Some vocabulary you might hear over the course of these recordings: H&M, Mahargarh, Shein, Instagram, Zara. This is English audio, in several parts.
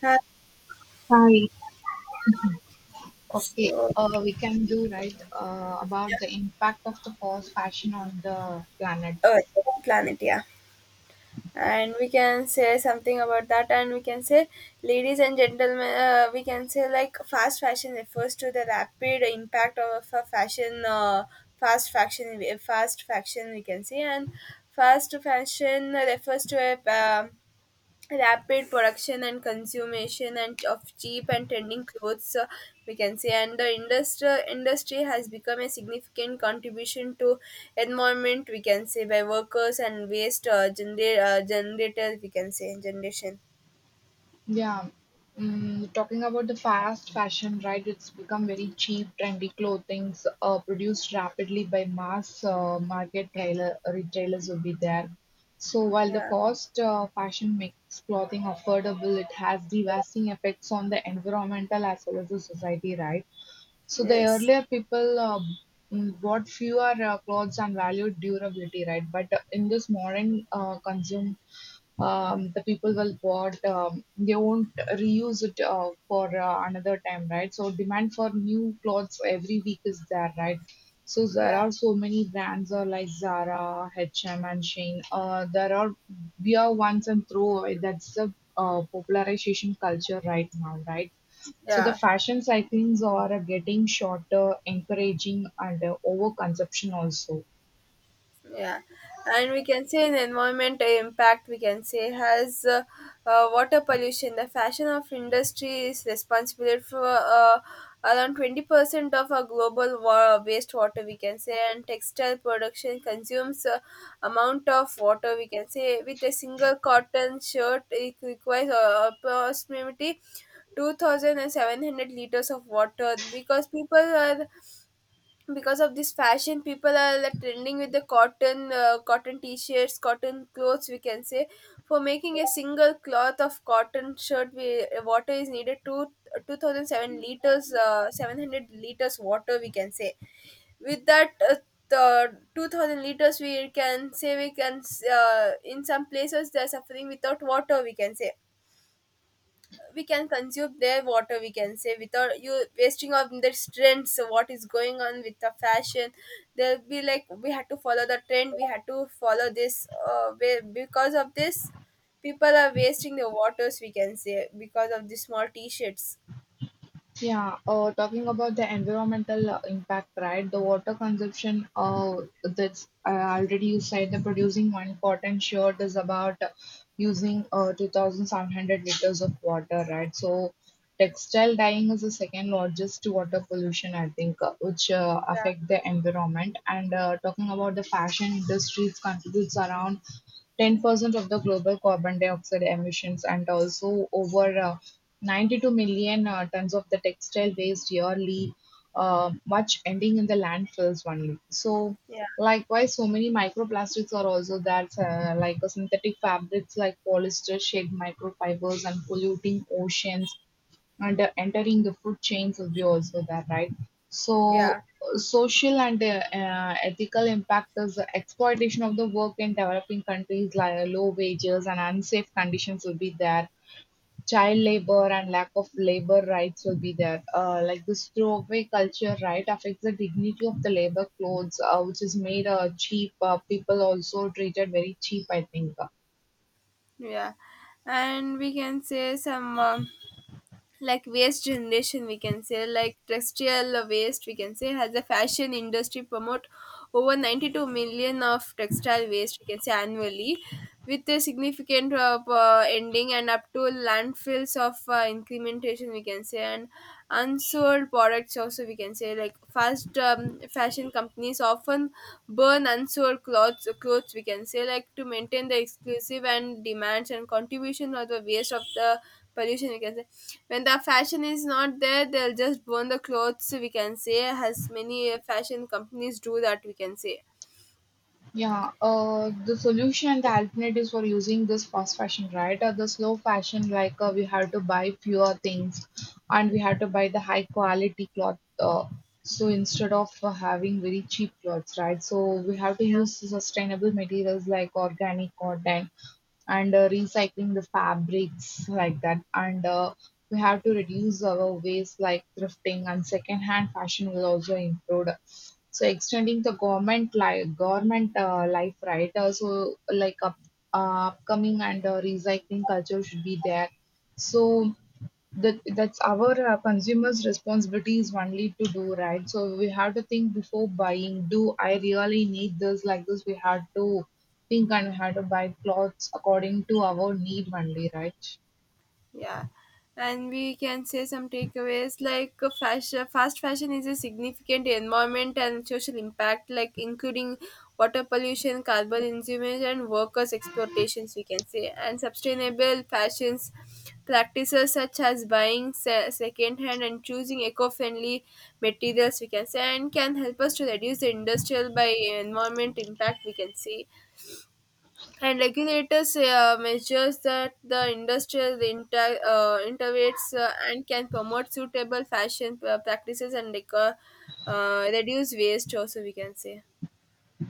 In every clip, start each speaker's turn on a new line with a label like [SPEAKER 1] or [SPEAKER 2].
[SPEAKER 1] Has
[SPEAKER 2] Hi. Okay,
[SPEAKER 1] uh,
[SPEAKER 2] we can do right about the impact of the fast fashion on the planet.
[SPEAKER 1] Earth, planet, yeah. And we can say something about that, and we can say, ladies and gentlemen, we can say like fast fashion refers to the rapid impact of a fashion, fast fashion. We can say, and fast fashion refers to a um, rapid production and consumption and of cheap and trending clothes we can say, and the industry has become a significant contribution to environment we can say, by workers and waste generators we can say generation.
[SPEAKER 2] Yeah, talking about the fast fashion, right? It's become very cheap, trendy clothing produced rapidly by mass market trailer, retailers will be there. So while the
[SPEAKER 1] Yeah.
[SPEAKER 2] fast fashion makes clothing affordable, it has devastating effects on the environmental as well as the society, right? So the
[SPEAKER 1] Yes.
[SPEAKER 2] earlier people bought fewer clothes and valued durability, right? But in this modern consume, the people will bought they won't reuse it for another time, right? So demand for new clothes every week is there, right? So there
[SPEAKER 1] Yeah.
[SPEAKER 2] are so many brands like Zara, H&M, and M, and Shein. There are wear once and throw away. That's the popularization culture right now, right? So the
[SPEAKER 1] Yeah.
[SPEAKER 2] fashion cyclings are getting shorter, encouraging and overconsumption also.
[SPEAKER 1] Yeah, and we can say an environment impact we can say has water pollution. The fashion of industry is responsible for around 20% of our global wastewater we can say, and textile production consumes amount of water we can say. With a single cotton shirt, it requires approximately two thousand and seven hundred liters of water, because people are because of this fashion people are like trending with the cotton t-shirts cotton clothes we can say. For making a single cloth of cotton shirt, we water is needed to 2007 liters, 700 liters water we can say. With that, the 2000 liters we can say we can, in some places they're suffering without water we can say. We can consume their water we can say without you wasting of the trends, so what is going on with the fashion? They'll be like, we had to follow the trend, we had to follow this, because of this people are wasting their waters we can say, because of the small t-shirts.
[SPEAKER 2] Yeah, talking about the environmental impact, right? The water consumption, that's already you said the producing one cotton shirt is about using 2,700 liters of water, right? So textile dyeing is the second largest water pollution, I think, which
[SPEAKER 1] Yeah.
[SPEAKER 2] affect the environment. And talking about the fashion industry, it contributes around 10% of the global carbon dioxide emissions, and also over 92 million tons of the textile waste yearly, much ending in the landfills only. So, likewise, so many microplastics are also there, like synthetic fabrics like polyester shed microfibers and polluting oceans and entering the food chains will be also there, right?
[SPEAKER 1] Yeah.
[SPEAKER 2] So,
[SPEAKER 1] Yeah.
[SPEAKER 2] social and ethical impact is the exploitation of the work in developing countries, like low wages and unsafe conditions will be there. Child labor and lack of labor rights will be there. Like this throwaway culture, right, affects the dignity of the labor clothes, which is made cheap. People also treated very cheap, I think.
[SPEAKER 1] Yeah. And we can say some like waste generation we can say, like textile waste we can say has a fashion industry promote over 92 million of textile waste we can say annually, with a significant ending and up to landfills of incrementation we can say, and unsold products also we can say. Like fast fashion companies often burn unsold clothes we can say, like to maintain the exclusive and demands and contribution or the waste of the pollution we can say. When the fashion is not there, they'll just burn the clothes we can say, as many fashion companies do that we can say.
[SPEAKER 2] Yeah, the solution, and the alternatives for using this fast fashion, right? Or the slow fashion, like we have to buy fewer things and we have to buy the high quality cloth. So instead of having very cheap clothes, right? So we have to use sustainable materials like organic cotton and recycling the fabrics like that and we have to reduce our waste like thrifting and secondhand fashion will also improve so extending the government life, government life right so like upcoming and recycling culture should be there so that that's our consumers responsibility is only to do right so we have to think before buying, do I really need this? Like this we had to think and we had to buy clothes according to our need only, right?
[SPEAKER 1] Yeah. And we can say some takeaways like fast fashion is a significant environment and social impact, like including water pollution, carbon emissions, and workers' exploitations, we can say. And sustainable fashions practices such as buying second-hand and choosing eco-friendly materials, we can say, and can help us to reduce the industrial by environment impact, we can say. And regulators measures that the industrial intervenes, and can promote suitable fashion practices, and like, reduce waste also we can say.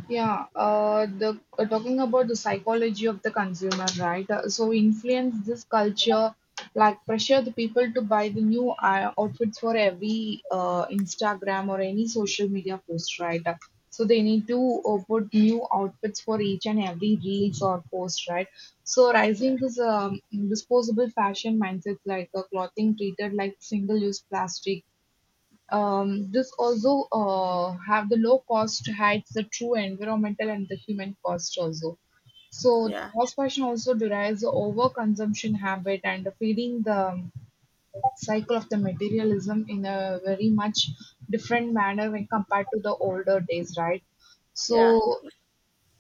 [SPEAKER 2] Yeah, the talking about the psychology of the consumer, right? So influence this culture, like pressure the people to buy the new outfits for every Instagram or any social media post, right? So they need to put new outfits for each and every reels or post, right? So
[SPEAKER 1] Yeah.
[SPEAKER 2] rising this disposable fashion mindset, like clothing treated like single-use plastic, this also have the low cost hides the true environmental and the human cost also. So
[SPEAKER 1] Yeah.
[SPEAKER 2] the fast fashion also derives the overconsumption habit and feeding the cycle of the materialism in a very much different manner when compared to the older days, right?
[SPEAKER 1] Yeah.
[SPEAKER 2] So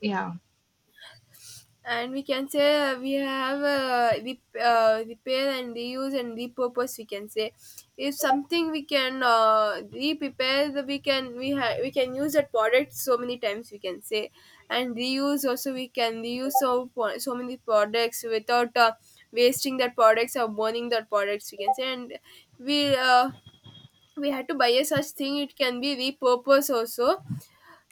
[SPEAKER 2] yeah,
[SPEAKER 1] And we can say, we have repair and reuse and repurpose we can say. If something we can, re-prepare we can use that product so many times we can say, and reuse also. We can reuse so many products without wasting that products or burning that products we can say. And we uh, we had to buy a such thing, it can be repurposed also.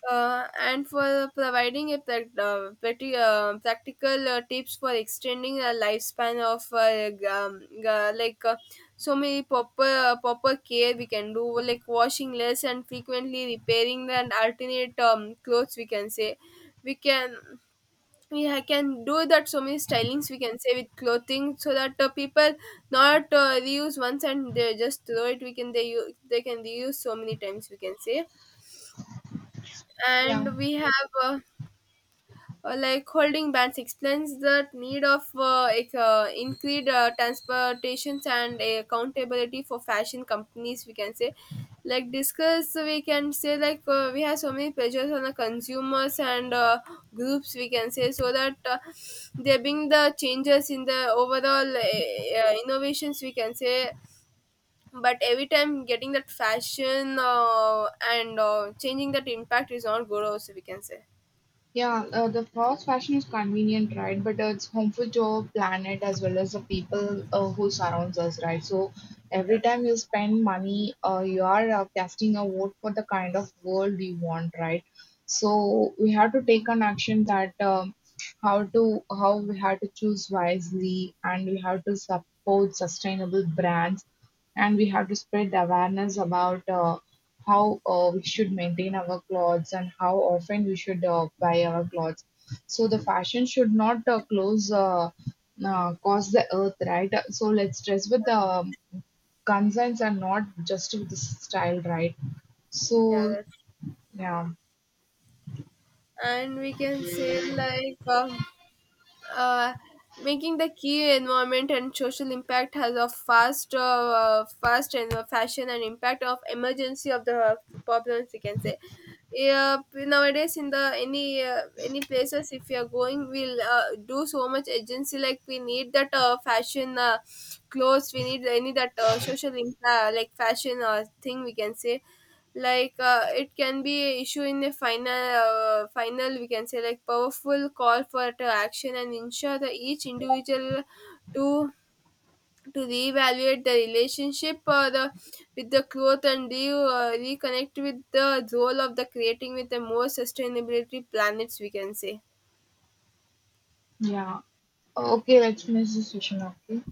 [SPEAKER 1] And for providing a prac- pretty practical tips for extending the lifespan of like so many proper care we can do, like washing less and frequently repairing and alternate clothes we can say. We can, we ha- can do that so many stylings we can say with clothing, so that people not reuse once and they just throw it, we can, they, they can reuse so many times we can say.
[SPEAKER 2] yeah.
[SPEAKER 1] And we have uh, like holding bands explains the need of increased transportations and accountability for fashion companies we can say, like discuss we can say. Like we have so many pressures on the consumers and groups we can say, so that they bring the changes in the overall innovations we can say. But every time getting that fashion, and changing that impact is not good also we can say.
[SPEAKER 2] Yeah, the fast fashion is convenient, right? But it's harmful to our planet as well as the people who surrounds us, right? So every time you spend money, you are casting a vote for the kind of world we want, right? So we have to take an action that how to how we have to choose wisely, and we have to support sustainable brands, and we have to spread awareness about how we should maintain our clothes and how often we should buy our clothes. So the fashion should not close cause the earth, right? So let's dress with the concerns and not just with the style, right?
[SPEAKER 1] Yeah,
[SPEAKER 2] So
[SPEAKER 1] that's,
[SPEAKER 2] yeah,
[SPEAKER 1] and we can say, like uh, making the key environment and social impact has a fast fast and fashion and impact of emergency of the problems we can say. Yeah, nowadays in the any places if you are going we'll do so much agency, like we need that fashion clothes, we need any that social impact like fashion thing we can say. Like it can be a issue in the final final we can say, like powerful call for to action and ensure that each individual to to reevaluate the relationship the with the growth and re, reconnect with the role of the creating with a more sustainability planets we can say.
[SPEAKER 2] yeah. Okay, let's finish this session. Okay.